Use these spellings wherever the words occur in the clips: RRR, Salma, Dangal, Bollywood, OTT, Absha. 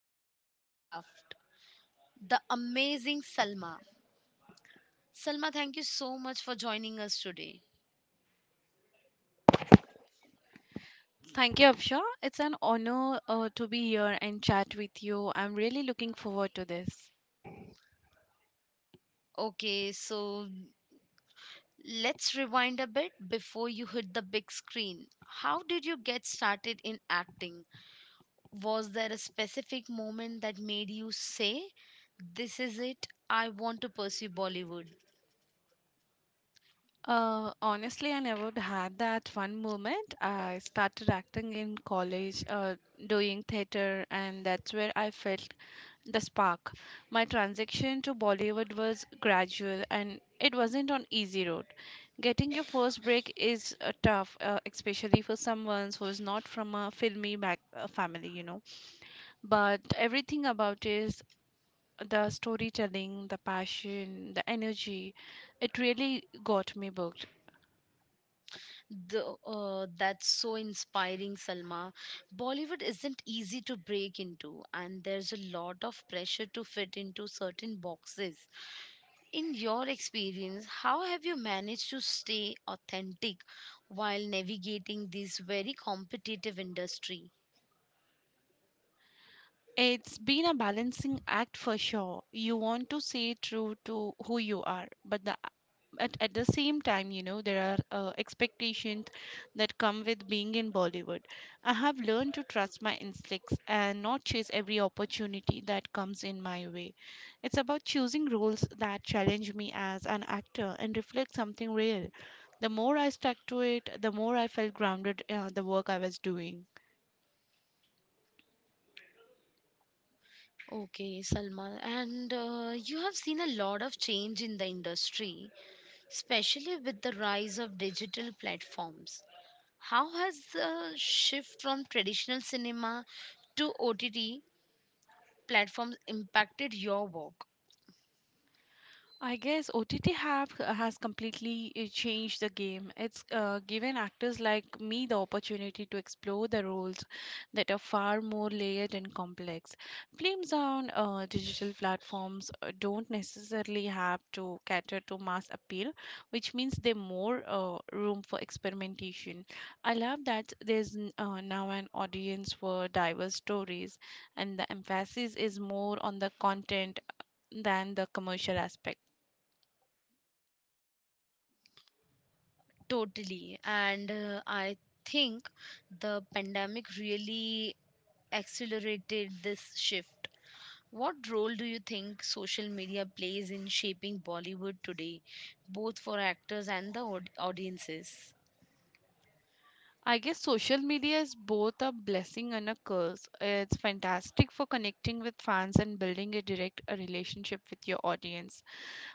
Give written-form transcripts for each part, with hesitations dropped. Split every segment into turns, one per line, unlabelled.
dedication to her craft. The amazing Salma. Salma, thank you so much for joining us today.
Thank you, Absha. It's an honor to be here and chat with you. I'm really looking forward to this.
Okay, so let's rewind a bit before you hit the big screen. How did you get started in acting? Was there a specific moment that made you say, "This is it. I want to pursue Bollywood."?
Honestly, I never had that one moment. I started acting in college, doing theater, and that's where I felt the spark. My transition to Bollywood was gradual, and it wasn't an easy road. Getting your first break is tough, especially for someone who is not from a filmy back family, but everything about it, the storytelling, the passion, the energy, it really got me booked.
That's so inspiring, Salma. Bollywood isn't easy to break into, and there's a lot of pressure to fit into certain boxes. In your experience, how have you managed to stay authentic while navigating this very competitive industry?
It's been a balancing act for sure. You want to stay true to who you are, but at the same time, you know, there are expectations that come with being in Bollywood. I have learned to trust my instincts and not chase every opportunity that comes in my way. It's about choosing roles that challenge me as an actor and reflect something real. The more I stuck to it, the more I felt grounded in the work I was doing.
Okay, Salma, and you have seen a lot of change in the industry, especially with the rise of digital platforms. How has the shift from traditional cinema to OTT platforms impacted your work?
I guess OTT have uh, has completely changed the game. It's given actors like me the opportunity to explore the roles that are far more layered and complex. Films on digital platforms don't necessarily have to cater to mass appeal, which means they more room for experimentation. I love that there's now an audience for diverse stories, and the emphasis is more on the content than the commercial aspect.
Totally. And I think the pandemic really accelerated this shift. What role do you think social media plays in shaping Bollywood today, both for actors and the audiences?
I guess social media is both a blessing and a curse. It's fantastic for connecting with fans and building a direct relationship with your audience,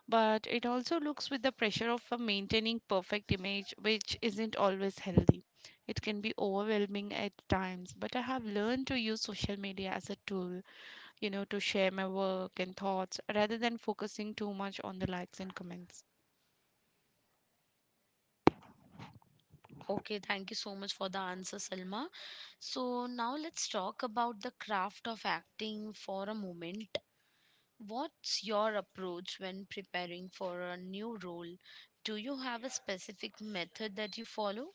but it also looks with the pressure of maintaining perfect image which isn't always healthy. It can be overwhelming at times, but I have learned to use social media as a tool, you know, to share my work and thoughts rather than focusing too much on the likes and comments.
Okay, thank you so much for the answer, Salma. So, now let's talk about the craft of acting for a moment. What's your approach when preparing for a new role? Do you have a specific method that you follow?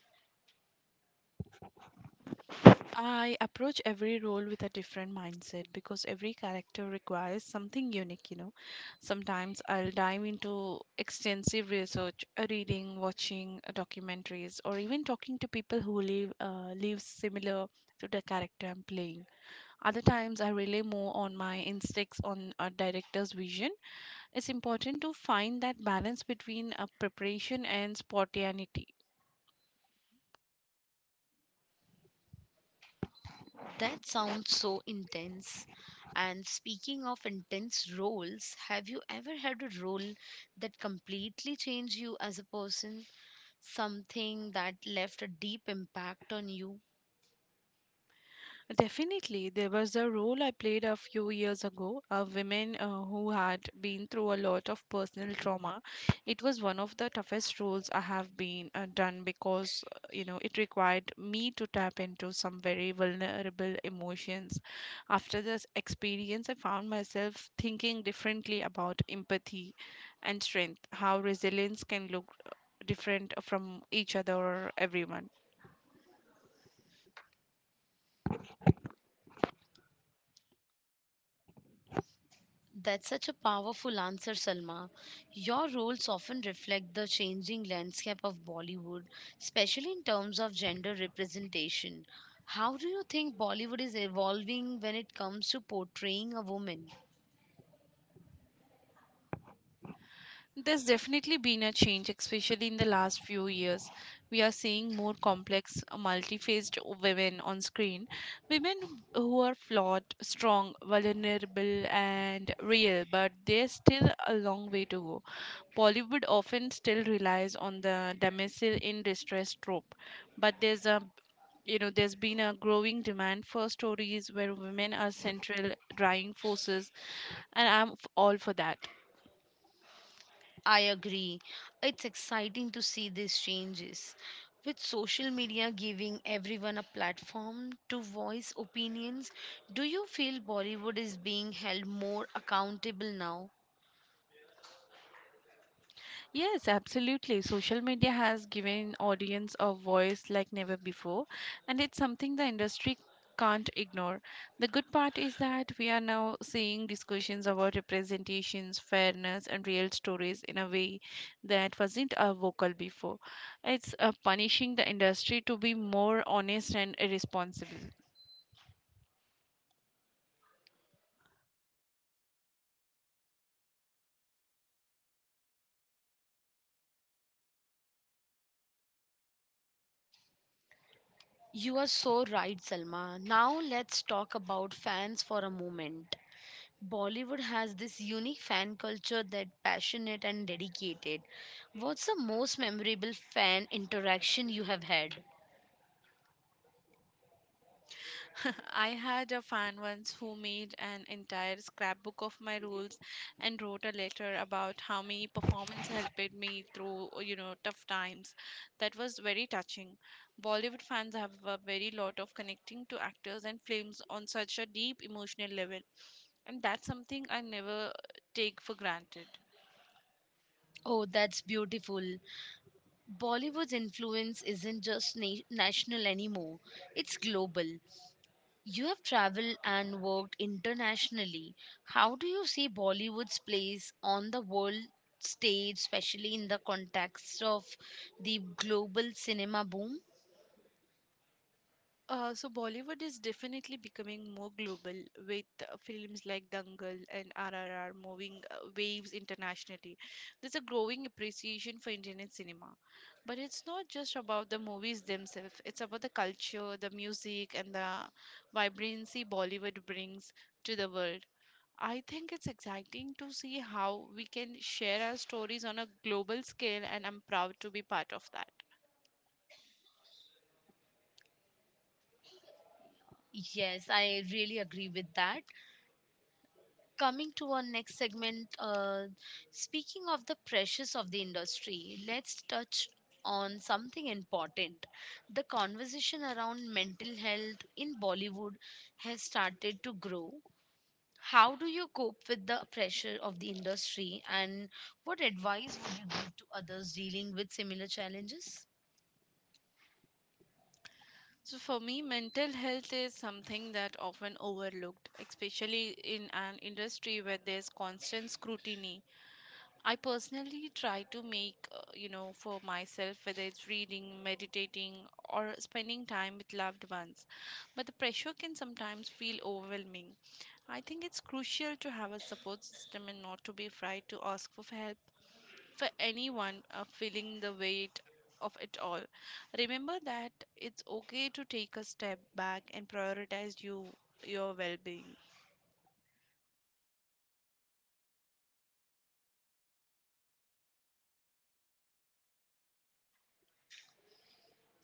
I approach every role with a different mindset because every character requires something unique, you know. Sometimes I'll dive into extensive research, reading, watching documentaries, or even talking to people who lives similar to the character I'm playing. Other times I rely more on my instincts on a director's vision. It's important to find that balance between preparation and spontaneity.
That sounds so intense. And speaking of intense roles, have you ever had a role that completely changed you as a person? Something that left a deep impact on you?
Definitely, there was a role I played a few years ago, a woman who had been through a lot of personal trauma. It was one of the toughest roles I have been done because you know it required me to tap into some very vulnerable emotions. After this experience, I found myself thinking differently about empathy and strength, how resilience can look different from each other or everyone.
That's such a powerful answer, Salma. Your roles often reflect the changing landscape of Bollywood, especially in terms of gender representation. How do you think Bollywood is evolving when it comes to portraying a woman?
There's definitely been a change, especially in the last few years. We are seeing more complex, multifaced women on screen. Women who are flawed, strong, vulnerable, and real, but there's still a long way to go. Bollywood often still relies on the damsel in distress trope, but there's been a growing demand for stories where women are central driving forces, and I'm all for that.
I agree. It's exciting to see these changes. With social media giving everyone a platform to voice opinions, do you feel Bollywood is being held more accountable now?
Yes, absolutely. Social media has given audience a voice like never before, and it's something the industry can't ignore. The good part is that we are now seeing discussions about representations, fairness, and real stories in a way that wasn't vocal before. It's punishing the industry to be more honest and irresponsible.
You are so right, Salma. Now let's talk about fans for a moment. Bollywood has this unique fan culture that passionate and dedicated. What's the most memorable fan interaction you have had?
I had a fan once who made an entire scrapbook of my rules and wrote a letter about how my performance helped me through, you know, tough times. That was very touching. Bollywood fans have a very lot of connecting to actors and films on such a deep emotional level. And that's something I never take for granted.
Oh, that's beautiful. Bollywood's influence isn't just national anymore, it's global. You have traveled and worked internationally. How do you see Bollywood's place on the world stage, especially in the context of the global cinema boom?
So Bollywood is definitely becoming more global with films like Dangal and RRR moving waves internationally. There's a growing appreciation for Indian cinema. But it's not just about the movies themselves, it's about the culture, the music, and the vibrancy Bollywood brings to the world. I think it's exciting to see how we can share our stories on a global scale, and I'm proud to be part of that.
Yes, I really agree with that. Coming to our next segment, speaking of the pressures of the industry, let's touch on something important. The conversation around mental health in Bollywood has started to grow. How do you cope with the pressure of the industry, and what advice would you give to others dealing with similar challenges?
So, for me, mental health is something that often overlooked, especially in an industry where there's constant scrutiny. I personally try to make, you know, for myself, whether it's reading, meditating, or spending time with loved ones. But the pressure can sometimes feel overwhelming. I think it's crucial to have a support system and not to be afraid to ask for help for anyone feeling the weight of it all. Remember that it's okay to take a step back and prioritize your well-being.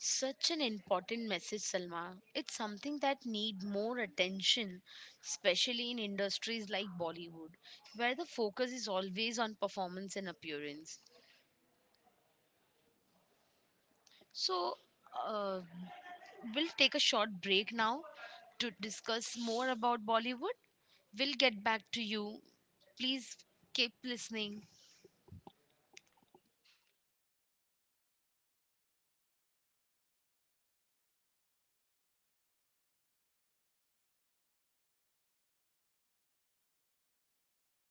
Such an important message, Salma. It's something that need more attention, especially in industries like Bollywood, where the focus is always on performance and appearance. So, uh, we'll take a short break now to discuss more about Bollywood. We'll get back to you. Please keep listening.